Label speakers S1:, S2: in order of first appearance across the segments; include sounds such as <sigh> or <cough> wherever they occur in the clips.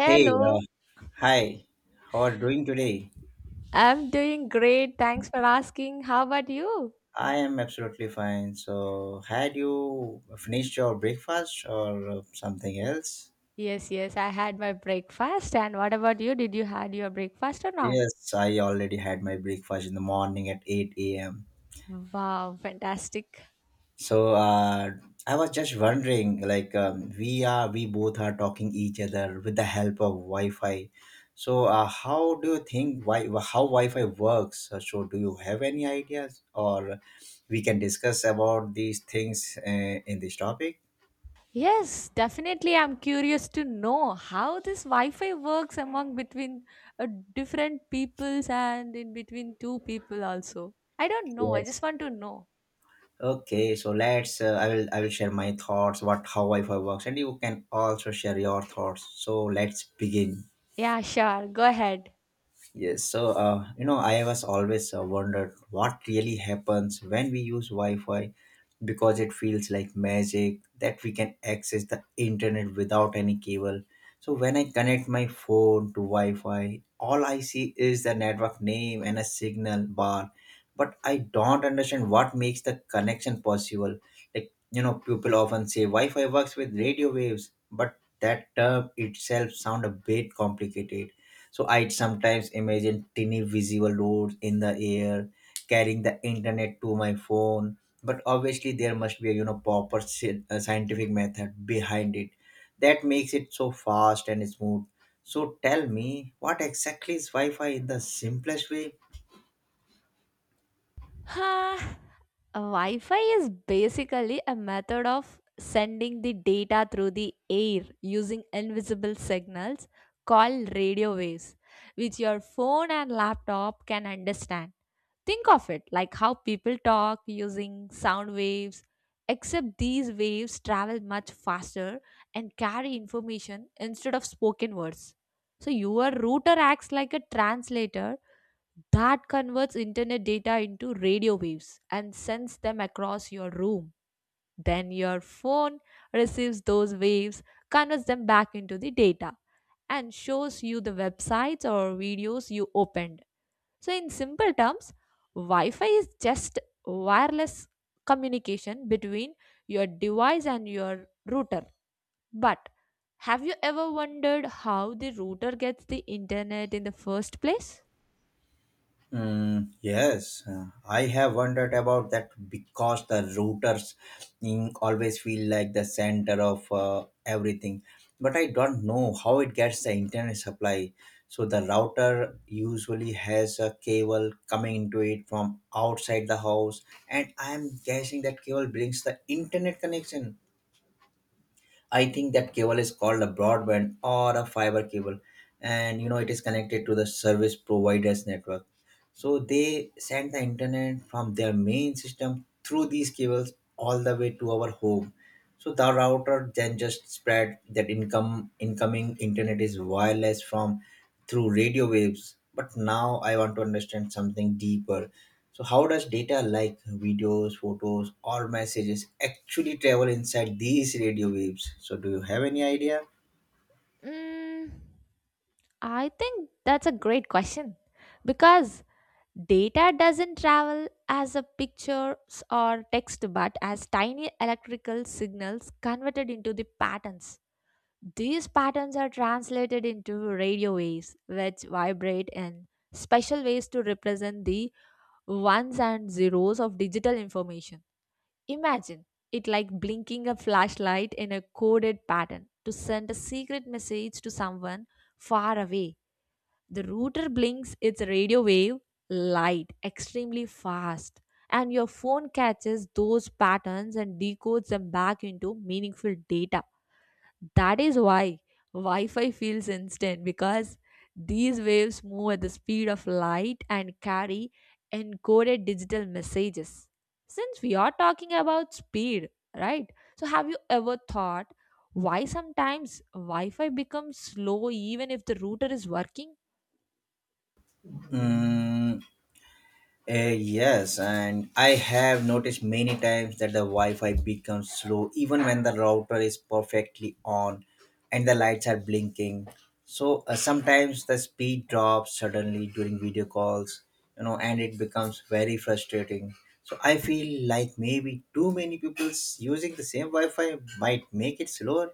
S1: Hey, hi. How are you doing today?
S2: I'm doing great. Thanks for asking. How about you?
S1: I am absolutely fine. So, had you finished your breakfast or something else?
S2: Yes, I had my breakfast. And what about you? Did you had your breakfast or not?
S1: Yes, I already had my breakfast in the morning at 8 a.m.
S2: Wow, fantastic.
S1: So I was just wondering, we both are talking each other with the help of Wi-Fi. So how do you think why how Wi-Fi works? So do you have any ideas, or we can discuss about these things in this topic?
S2: Yes, definitely. I'm curious to know how this Wi-Fi works among between uh, different peoples and in between two people also. I don't know. I
S1: Yes.
S2: just want to know.
S1: Okay. So let's. I will. I will share my thoughts. What How Wi-Fi works, and you can also share your thoughts. So let's begin.
S2: Yeah, sure. Go ahead.
S1: Yes, so you know, I was always wondered what really happens when we use Wi-Fi because it feels like magic that we can access the internet without any cable. So when I connect my phone to Wi-Fi, all I see is the network name and a signal bar, but I don't understand what makes the connection possible. Like you know, people often say Wi-Fi works with radio waves, but that term itself sound a bit complicated, so I'd sometimes imagine tiny visible roads in the air carrying the internet to my phone. But obviously, there must be a you know proper scientific method behind it that makes it so fast and smooth. So tell me, what exactly is Wi-Fi in the simplest way?
S2: Huh. Wi Fi is basically a method of sending the data through the air using invisible signals called radio waves, which your phone and laptop can understand. Think of it like how people talk using sound waves, except these waves travel much faster and carry information instead of spoken words. So, your router acts like a translator that converts internet data into radio waves and sends them across your room. Then your phone receives those waves, converts them back into the data, and shows you the websites or videos you opened. So, in simple terms, Wi Fi is just wireless communication between your device and your router. But have you ever wondered how the router gets the internet in the first place?
S1: Mm, yes, I have wondered about that because the routers, always feel like the center of everything. But I don't know how it gets the internet supply. So the router usually has a cable coming into it from outside the house, and I am guessing that cable brings the internet connection. I think that cable is called a broadband or a fiber cable, and you know it is connected to the service providers network. So they send the internet from their main system through these cables all the way to our home. So the router then just spread that income incoming internet is wireless from through radio waves. But now I want to understand something deeper. So, how does data like videos, photos, or messages actually travel inside these radio waves? So, do you have any idea?
S2: Mm. I think that's a great question because data doesn't travel as a pictures or text but as tiny electrical signals converted into the patterns. These patterns are translated into radio waves which vibrate in special ways to represent the ones and zeros of digital information. Imagine it like blinking a flashlight in a coded pattern to send a secret message to someone far away. The router blinks its radio wave light extremely fast, and your phone catches those patterns and decodes them back into meaningful data. That is why Wi Fi feels instant because these waves move at the speed of light and carry encoded digital messages. Since we are talking about speed, right? So, have you ever thought why sometimes Wi Fi becomes slow even if the router is working?
S1: Hmm. Yes, and I have noticed many times that the Wi-Fi becomes slow even when the router is perfectly on and the lights are blinking. So sometimes the speed drops suddenly during video calls, you know, and it becomes very frustrating. So I feel like maybe too many people using the same Wi-Fi might make it slower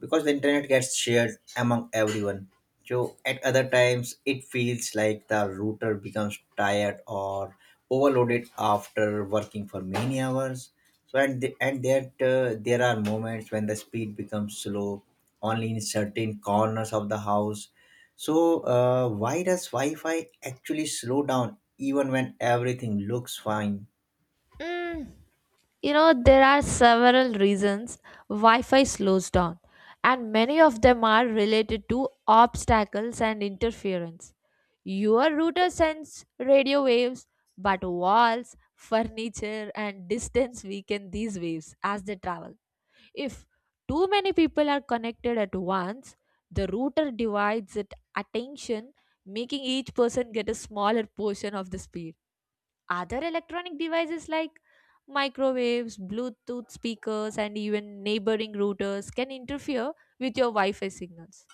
S1: because the internet gets shared among everyone. So at other times, it feels like the router becomes tired or overloaded after working for many hours. So and the, and that There are moments when the speed becomes slow, only in certain corners of the house. So why does Wi-Fi actually slow down even when everything looks fine?
S2: Mm, you know, there are several reasons Wi Fi slows down, and many of them are related to obstacles and interference. Your router sends radio waves, but walls, furniture, and distance weaken these waves as they travel. If too many people are connected at once, the router divides its attention, making each person get a smaller portion of the speed. Other electronic devices like microwaves, Bluetooth speakers, and even neighboring routers can interfere with your Wi Fi signals.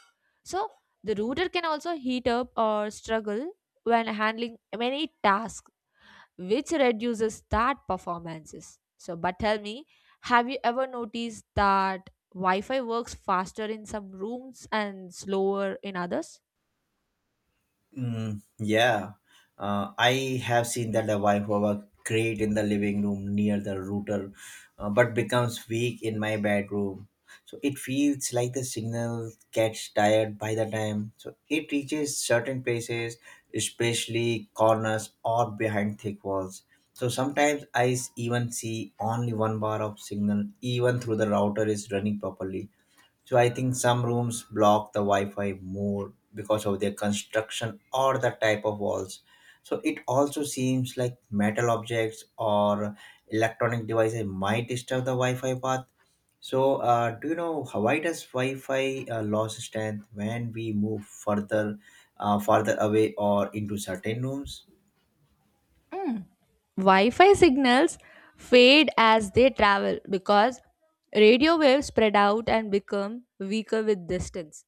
S2: So, the router can also heat up or struggle when handling many tasks, which reduces that performances. So, but tell me, have you ever noticed that Wi Fi works faster in some rooms and slower in others?
S1: Mm, yeah, I have seen that the a Vibe great in the living room near the router, but becomes weak in my bedroom. So it feels like the signal gets tired by the time. So it reaches certain places, especially corners or behind thick walls. So sometimes even see only one bar of signal, even through the router is running properly. So I think some rooms block the Wi-Fi more because of their construction or the type of walls. So it also seems like metal objects or electronic devices might disturb the Wi-Fi path. So do you know why does Wi-Fi lose strength when we move farther away or into certain rooms?
S2: Wi-Fi signals fade as they travel because radio waves spread out and become weaker with distance.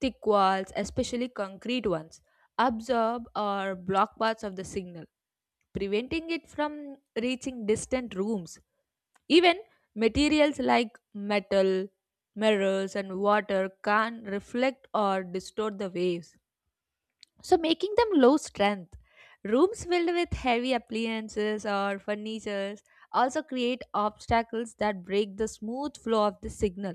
S2: Thick walls, especially concrete ones, absorb or block parts of the signal, preventing it from reaching distant rooms. Even materials like metal, mirrors, and water can reflect or distort the waves, so making them low strength. Rooms filled with heavy appliances or furnitures also create obstacles that break the smooth flow of the signal.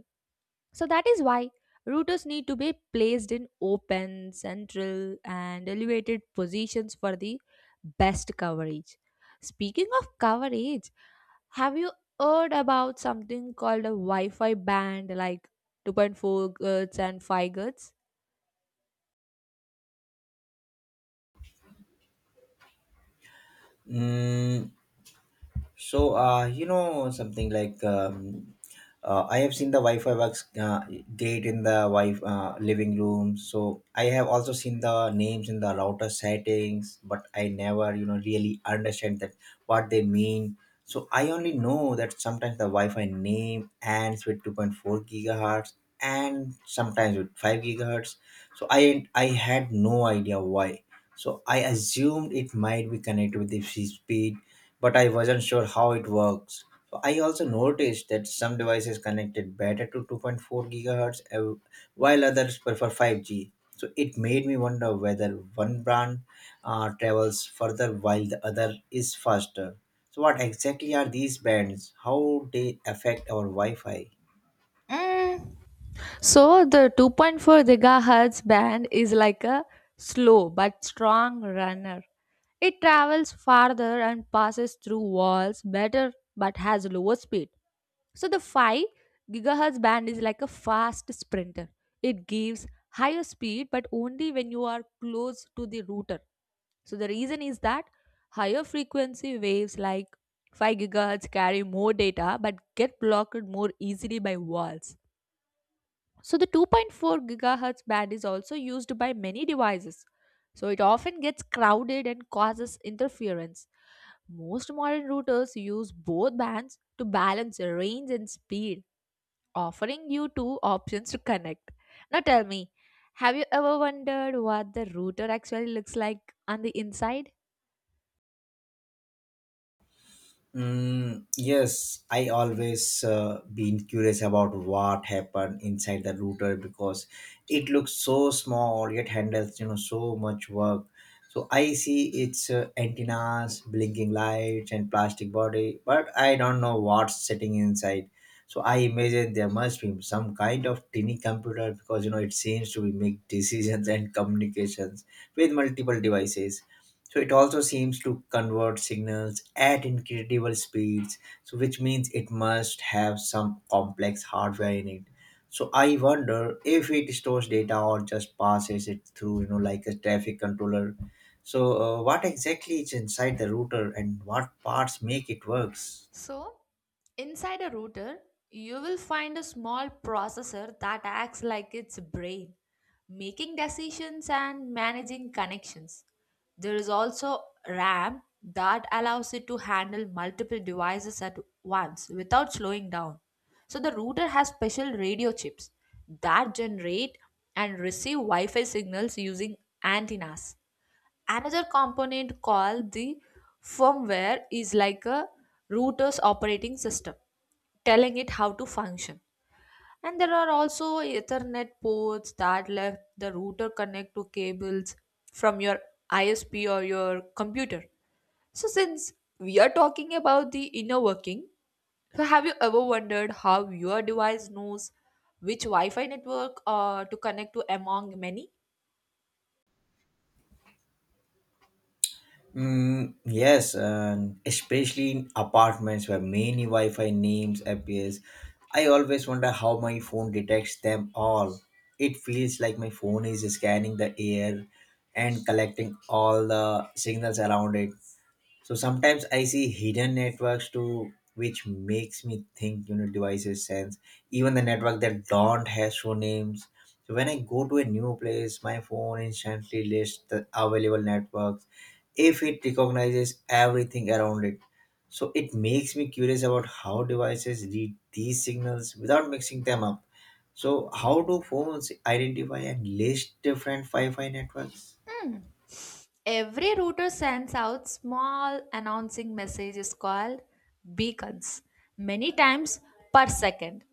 S2: So, that is why routers need to be placed in open, central, and elevated positions for the best coverage. Speaking of coverage, have you heard about something called a Wi Fi band like 2.4 GHz and 5 GHz?
S1: Mm, so, you know, something like I have seen the Wi-Fi works great in the wi living room. So I have also seen the names in the router settings, but I never, you know, really understand that what they mean. So I only know that sometimes the Wi-Fi name ends with 2.4 gigahertz and sometimes with 5 gigahertz. So I had no idea why. So I assumed it might be connected with the speed but I wasn't sure how it works. So I also noticed that some devices connected better to 2.4 gigahertz while others prefer 5G. So it made me wonder whether one brand travels further while the other is faster. So what exactly are these bands? How they affect our Wi-Fi?
S2: Mm, so the 2.4 gigahertz band is like a slow but strong runner. It travels farther and passes through walls better but has lower speed. So the 5 gigahertz band is like a fast sprinter. It gives higher speed but only when you are close to the router. So the reason is that higher frequency waves like 5 gigahertz carry more data but get blocked more easily by walls, so the 2.4 gigahertz band is also used by many devices. So it often gets crowded and causes interference. Most modern routers use both bands to balance range and speed, offering you two options to connect. Now tell me, have you ever wondered what the router actually looks like on the inside?
S1: Mm, yes, I always been curious about what happened inside the router because it looks so small yet handles you know so much work. So I see its antennas, blinking lights, and plastic body, but I don't know what's sitting inside. So I imagine there must be some kind of tiny computer because you know it seems to be make <laughs> decisions and communications with multiple devices. So it also seems to convert signals at incredible speeds, so which means it must have some complex hardware in it. So I wonder if it stores data or just passes it through, you know, like a traffic controller. So what exactly is inside the router and what parts make it works?
S2: So, inside a router, you will find a small processor that acts like its brain, making decisions and managing connections. There is also RAM that allows it to handle multiple devices at once without slowing down. So, the router has special radio chips that generate and receive Wi Fi signals using antennas. Another component called the firmware is like a router's operating system, telling it how to function, and there are also ethernet ports that let the router connect to cables from your ISP or your computer. So since we are talking about the inner working, so have you ever wondered how your device knows which wi-fi network to connect to among many?
S1: Mm, yes, and especially in apartments where many Wi-Fi names appears, I always wonder how my phone detects them all. It feels like my phone is scanning the air and collecting all the signals around it. So sometimes I see hidden networks too, which makes me think you know devices sense. Even the network that don't have show names. So when I go to a new place, my phone instantly lists the available networks if it recognizes everything around it. So it makes me curious about how devices read these signals without mixing them up. So how do phones identify and list different Wi-Fi networks?
S2: Every router sends out small announcing messages called beacons, many times per second.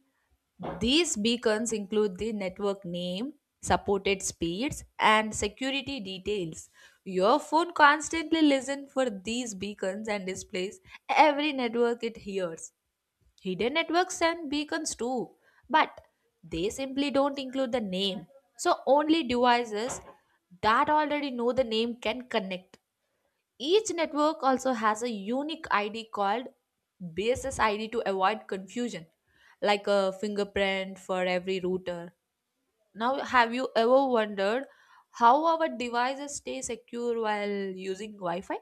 S2: These beacons include the network name, supported speeds, and security details. Your phone constantly listens for these beacons and displays every network it hears. Hidden networks send beacons too, but they simply don't include the name. So only devices that already know the name can connect. Each network also has a unique ID called basis ID to avoid confusion, like a fingerprint for every router. Now, have you ever wondered how our devices stay secure while using Wi Fi?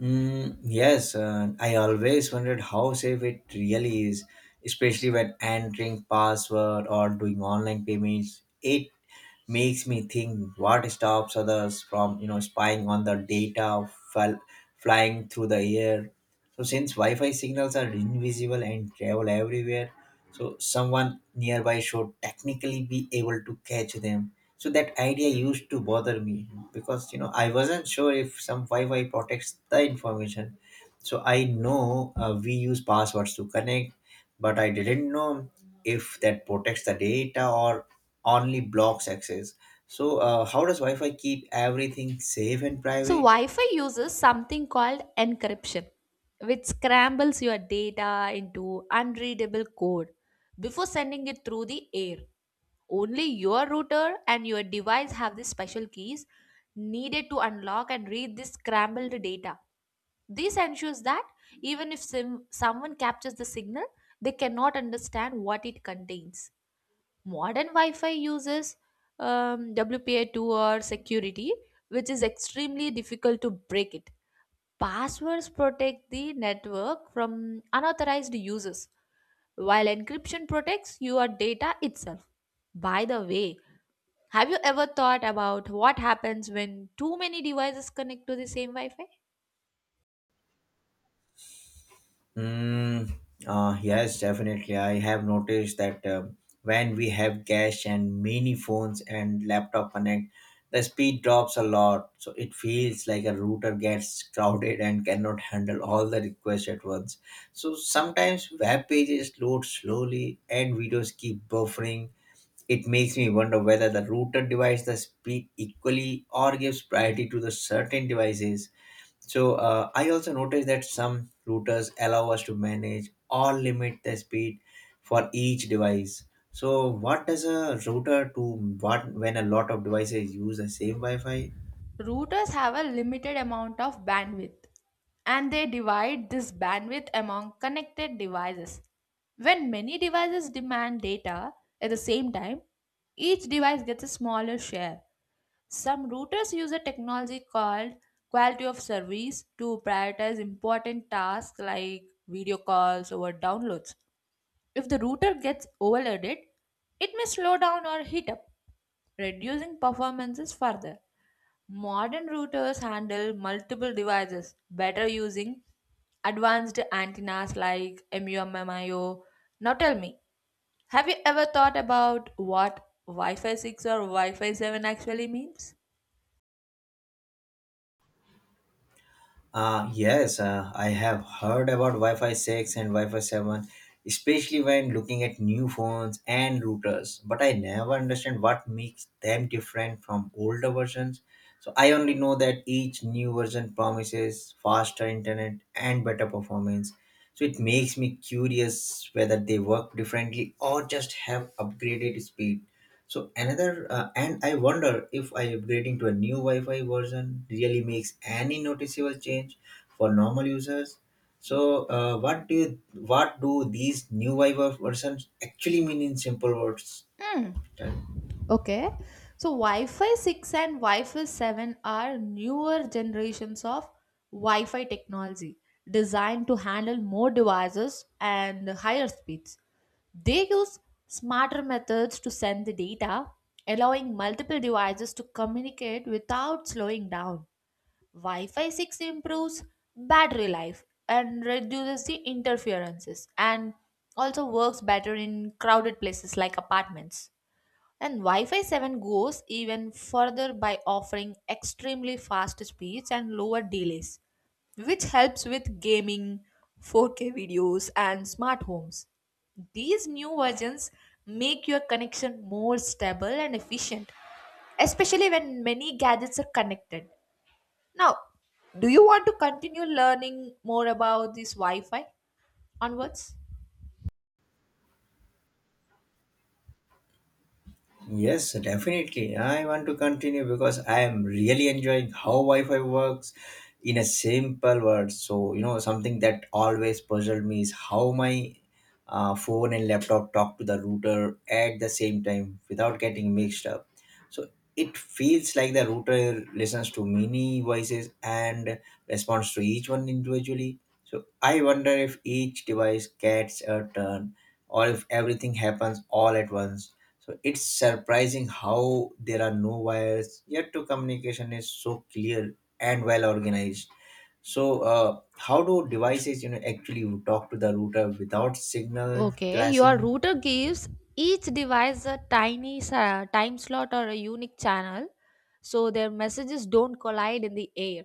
S1: Mm, yes, I always wondered how safe it really is, especially when entering password or doing online payments. It makes me think what stops others from you know spying on the data flying through the air. So since Wi-Fi signals are invisible and travel everywhere, so someone nearby should technically be able to catch them, so that idea used to bother me because you know I wasn't sure if some Wi-Fi protects the information. So I know, we use passwords to connect but I didn't know if that protects the data or only blocks access. So, how does Wi Fi keep everything safe and
S2: So,
S1: private?
S2: Wi Fi uses something called encryption, which scrambles your data into unreadable code before sending it through the air. Only your router and your device have the special keys needed to unlock and read this scrambled data. This ensures that even if someone captures the signal, they cannot understand what it contains. Modern wi-fi uses WPA2 or security, which is extremely difficult to break it. Passwords protect the network from unauthorized uses, while encryption protects your data itself. By the way, have you ever thought about what happens when too many devices connect to the same wi-fi?
S1: Mm, yes, definitely. I have noticed that when we have cache and many phones and laptop connect, the speed drops a lot. So, it feels like a router gets crowded and cannot handle all the requests at once. So, sometimes web pages load slowly and videos keep buffering. It makes me wonder whether the router divides the speed equally or gives priority to the certain devices. So I also noticed that some routers allow us to manage or limit the speed for each device. So what does a router do what when a lot of devices use the same Wi-Fi?
S2: Routers have a limited amount of bandwidth and they divide this bandwidth among connected devices. When many devices demand data at the same time, each device gets a smaller share. Some routers use a technology called quality of service to prioritize important tasks like video calls over downloads. If the router gets overloaded, it may slow down or heat up, reducing performances further. Modern routers handle multiple devices better using advanced antennas like MU-MIMO. Now tell me, have you ever thought about what Wi-Fi 6 or Wi-Fi 7 actually means?
S1: Yes, I have heard about Wi Fi 6 and Wi Fi 7, especially when looking at new phones and routers. But I never understand what makes them different from older versions. So I only know that each new version promises faster internet and better performance. So it makes me curious whether they work differently or just have upgraded speed. So another, and I wonder if I upgrading to a new Wi-Fi version really makes any noticeable change for normal users. So what do these new Wi-Fi versions actually mean in simple words?
S2: Hmm. Okay. So Wi-Fi 6 and Wi-Fi 7 are newer generations of Wi-Fi technology designed to handle more devices and higher speeds. They use smarter methods to send the data, allowing multiple devices to communicate without slowing down. Wi-Fi 6 improves battery life and reduces the interferences and also works better in crowded places like apartments. And Wi Fi 7 goes even further by offering extremely fast speeds and lower delays, which helps with gaming, 4K videos, and smart homes. These new versions make your connection more stable and efficient, especially when many gadgets are connected. Now, do you want to continue learning more about this Wi Fi onwards?
S1: Yes, definitely. I want to continue because I am really enjoying how Wi-Fi works in a simple word. So, you know, something that always puzzled me is how my phone and laptop talk to the router at the same time without getting mixed up. So it feels like the router listens to many voices and responds to each one individually. So I wonder if each device gets a turn or if everything happens all at once, so it's surprising how there are no wires, yet to communication is so clear and well organized. So how do devices you know actually talk to the router without signal
S2: Okay, your
S1: clashing?
S2: router gives each device a tiny time slot or a unique channel so their messages don't collide in the air.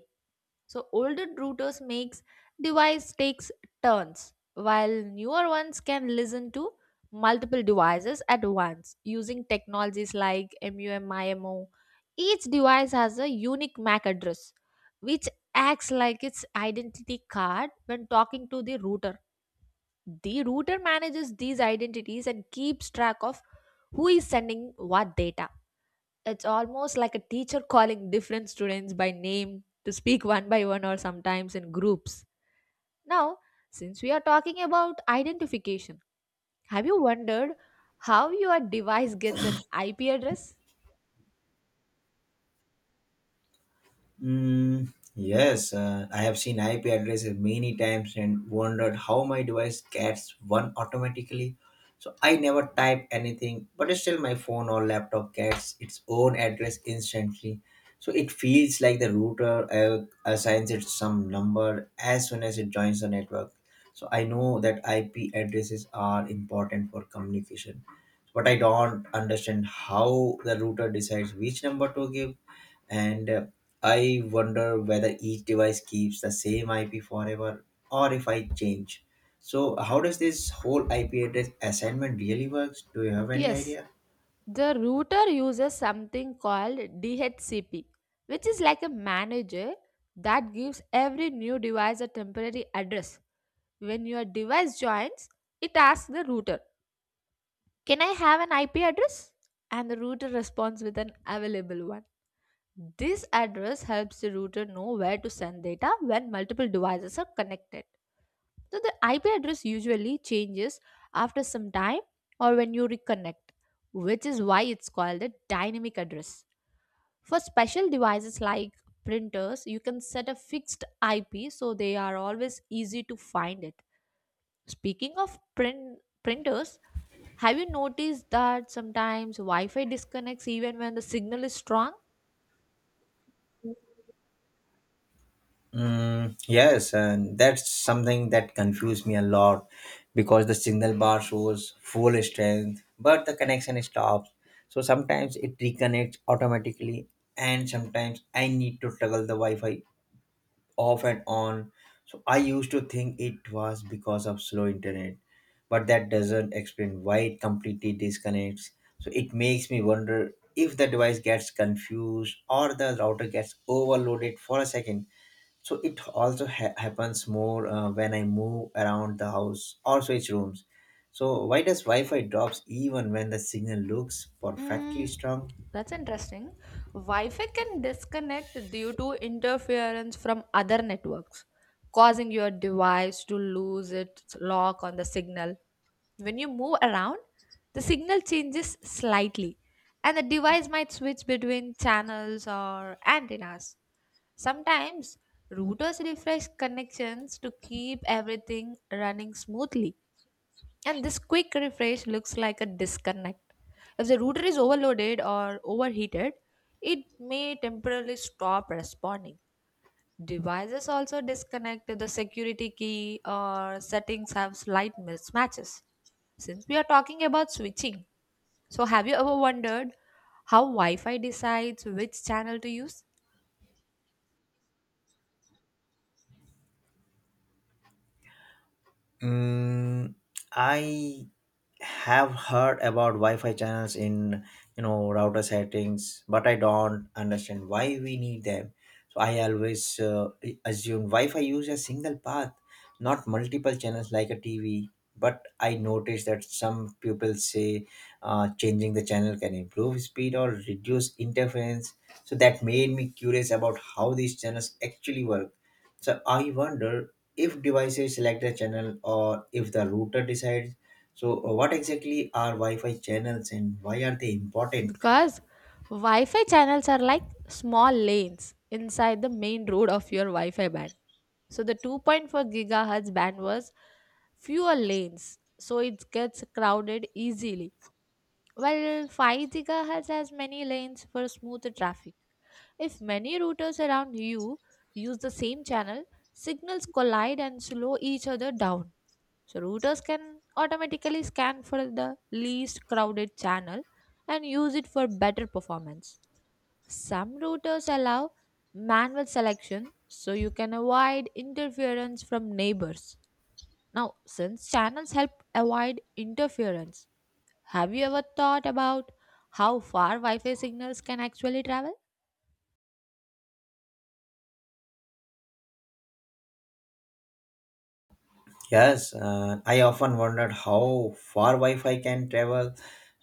S2: So older routers makes device takes turns while newer ones can listen to multiple devices at once using technologies like MUMIMO. Each device has a unique MAC address which acts like its identity card when talking to the router. The router manages these identities and keeps track of who is sending what data. It's almost like a teacher calling different students by name to speak one by one or sometimes in groups. Now, since we are talking about identification, have you wondered how your device gets an IP address?
S1: Mm, yes, I have seen IP addresses many times and wondered how my device gets one automatically. So I never type anything, but still my phone or laptop gets its own address instantly. So it feels like the router assigns it some number as soon as it joins the network. So I know that IP addresses are important for communication, but I don't understand how the router decides which number to give and I wonder whether each device keeps the same IP forever or if I change. So, how does this whole IP address assignment really works? Do you have any
S2: Yes,
S1: idea?
S2: the router uses something called DHCP, which is like a manager that gives every new device a temporary address. When your device joins, it asks the router, "Can I have an IP address?" And the router responds with an available one. This address helps the router know where to send data when multiple devices are connected. So the IP address usually changes after some time or when you reconnect, which is why it's called a dynamic address. For special devices like printers, you can set a fixed IP so they are always easy to find it. Speaking of printers, have you noticed that sometimes Wi-Fi disconnects even when the signal is strong?
S1: Mm, yes, and that's something that confused me a lot because the signal bar shows full strength, but the connection stops. So sometimes it reconnects automatically, and sometimes I need to toggle the Wi Fi off and on. So I used to think it was because of slow internet, but that doesn't explain why it completely disconnects. So it makes me wonder if the device gets confused or the router gets overloaded for a second. So it also happens more when I move around the house or switch rooms. So why does Wi-Fi drops even when the signal looks perfectly
S2: Mm,
S1: strong?
S2: that's interesting. Wi Fi can disconnect due to interference from other networks, causing your device to lose its lock on the signal. When you move around, the signal changes slightly, and the device might switch between channels or antennas. Sometimes routers refresh connections to keep everything running smoothly, and this quick refresh looks like a disconnect. If the router is overloaded or overheated, it may temporarily stop responding. Devices also disconnect if the security key or settings have slight mismatches. Since we are talking about switching, so have you ever wondered how Wi Fi decides which channel to use?
S1: Mm, I have heard about Wi-Fi channels in router settings, but I don't understand why we need them. So I always assume Wi-Fi use a single path, not multiple channels like a TV. But I noticed that some people say changing the channel can improve speed or reduce interference. So that made me curious about how these channels actually work. So I wonder if devices select a channel or if the router decides, so, what exactly are Wi Fi channels and why are they important?
S2: Because Wi Fi channels are like small lanes inside the main road of your Wi Fi band. So the 2.4 gigahertz band was fewer lanes, so it gets crowded easily. While 5 gigahertz has many lanes for smoother traffic. If many routers around you use the same channel, signals collide and slow each other down. So routers can automatically scan for the least crowded channel and use it for better performance. Some routers allow manual selection so you can avoid interference from neighbors. Now, since channels help avoid interference, have you ever thought about how far Wi Fi signals can actually travel?
S1: Yes, I often wondered how far Wi Fi can travel,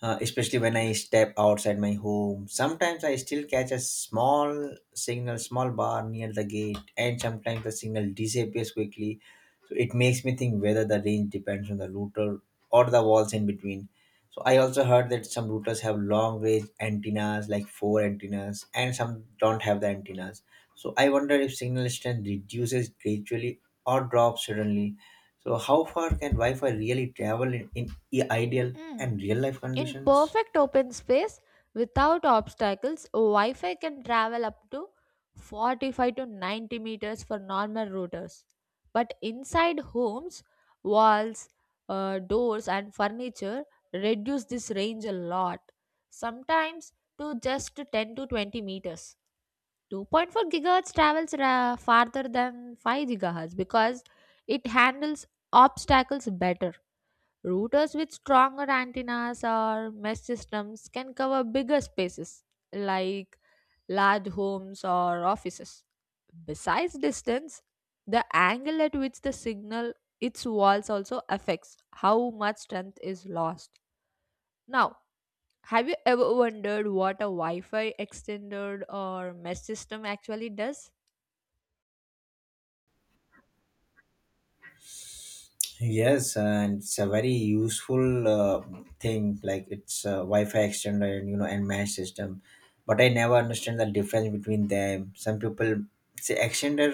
S1: especially when I step outside my home. Sometimes I still catch a small signal, small bar near the gate, and sometimes the signal disappears quickly. So, it makes me think whether the range depends on the router or the walls in between. So I also heard that some routers have long range antennas, like four antennas, and some don't have the antennas. So I wonder if signal strength reduces gradually or drops suddenly. So how far can Wi-Fi really travel in ideal
S2: Hmm.
S1: and real life
S2: In
S1: conditions?
S2: perfect open space without obstacles, Wi Fi can travel up to 45 to 90 meters for normal routers. But inside homes, walls, doors, and furniture reduce this range a lot, sometimes to just 10 to 20 meters. 2.4 gigahertz travels farther than 5 gigahertz because it handles obstacles better. Routers with stronger antennas or mesh systems can cover bigger spaces like large homes or offices. Besides distance, the angle at which the signal its walls also affects how much strength is lost. Now, have you ever wondered what a Wi-Fi extender or mesh system actually does?
S1: Yes, and it's a very useful thing. Like it's a Wi-Fi extender and and mesh system, but I never understand the difference between them. Some people say extender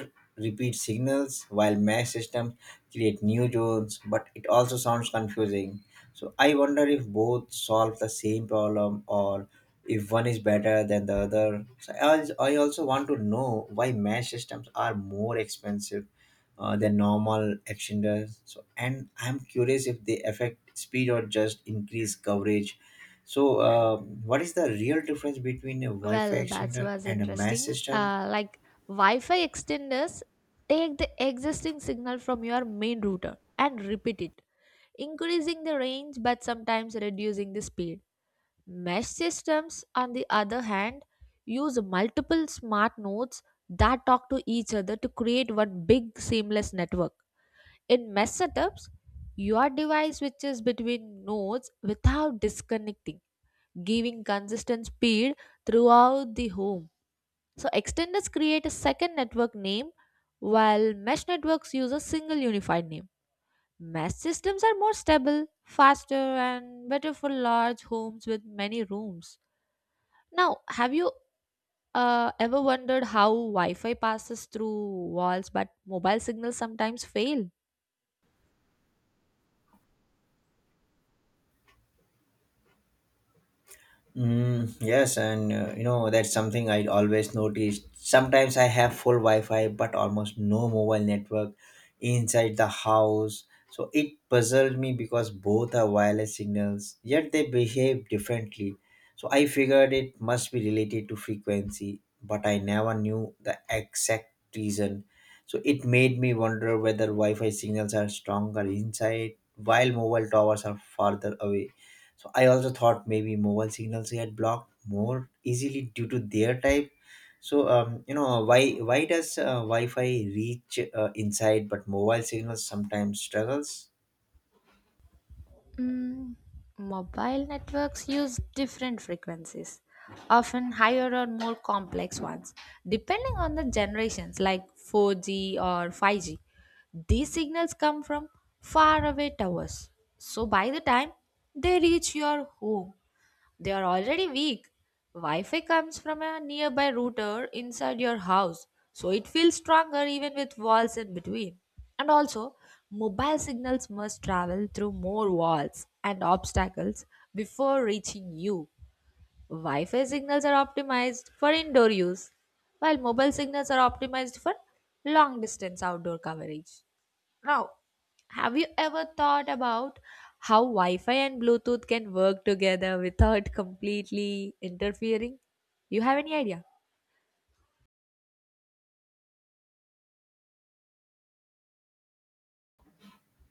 S1: repeat signals while mesh system create new zones, but it also sounds confusing. So I wonder if both solve the same problem or if one is better than the other. So I also want to know why mesh systems are more expensive than normal extenders. So, and I'm curious if they affect speed or just increase coverage. So, what is the real difference between a Wi-Fi
S2: Well, that
S1: extender
S2: was
S1: and a mesh
S2: interesting.
S1: system?
S2: Like Wi-Fi extenders take the existing signal from your main router and repeat it, increasing the range but sometimes reducing the speed. Mesh systems, on the other hand, use multiple smart nodes that talk to each other to create one big seamless network. In mesh setups, your device switches between nodes without disconnecting, giving consistent speed throughout the home. So extenders create a second network name while mesh networks use a single unified name. Mesh systems are more stable, faster, and better for large homes with many rooms. Now, have you ever wondered how Wi Fi passes through walls but mobile signals sometimes fail?
S1: Mm, yes, and that's something I always noticed. Sometimes I have full Wi-Fi, but almost no mobile network inside the house. So it puzzled me because both are wireless signals, yet they behave differently. So I figured it must be related to frequency, but I never knew the exact reason. So it made me wonder whether Wi-Fi signals are stronger inside, while mobile towers are farther away. So I also thought maybe mobile signals get blocked more easily due to their type. So why does Wi-Fi reach inside but mobile signals sometimes struggles?
S2: Mm, mobile networks use different frequencies, often higher or more complex ones, depending on the generations like 4G or 5G. These signals come from faraway towers. So by the time they reach your home, they are already weak. Wi Fi comes from a nearby router inside your house, so it feels stronger even with walls in between. And also, mobile signals must travel through more walls and obstacles before reaching you. Wi Fi signals are optimized for indoor use, while mobile signals are optimized for long distance outdoor coverage. Now, have you ever thought about how Wi Fi and Bluetooth can work together without completely interfering? You have any idea?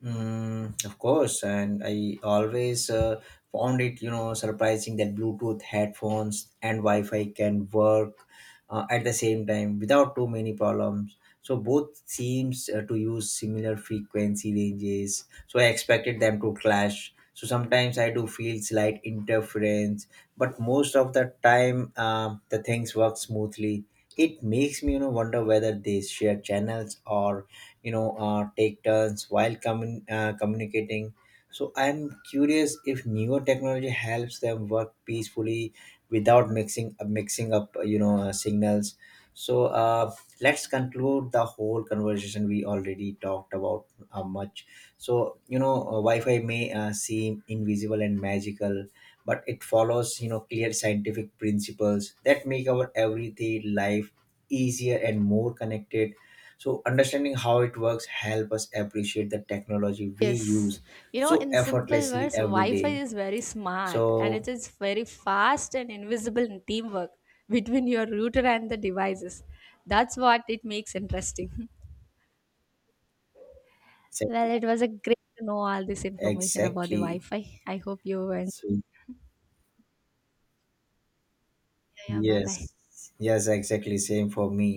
S1: Mm, of course, and I always found it surprising that Bluetooth headphones and Wi-Fi can work at the same time without too many problems. So both seems to use similar frequency ranges. So I expected them to clash. So sometimes I do feel slight interference, but most of the time the things work smoothly. It makes me wonder whether they share channels or take turns while communicating. So I'm curious if newer technology helps them work peacefully without mixing up signals. So let's conclude the whole conversation. We already talked about much. So Wi-Fi may seem invisible and magical, but it follows clear scientific principles that make our everyday life easier and more connected. So understanding how it works help us appreciate the technology we
S2: Yes.
S1: use
S2: You know,
S1: so
S2: in simple
S1: effortlessly
S2: words,
S1: every
S2: Wi Fi
S1: day.
S2: is very smart and it
S1: So
S2: is very fast and invisible in teamwork between your router and the devices. That's what it makes interesting. <laughs> Well, it was a great to know all this information about the Wi
S1: exactly.
S2: Fi. I hope you went.
S1: So
S2: Yeah, bye bye.
S1: yes, yes, exactly same for me.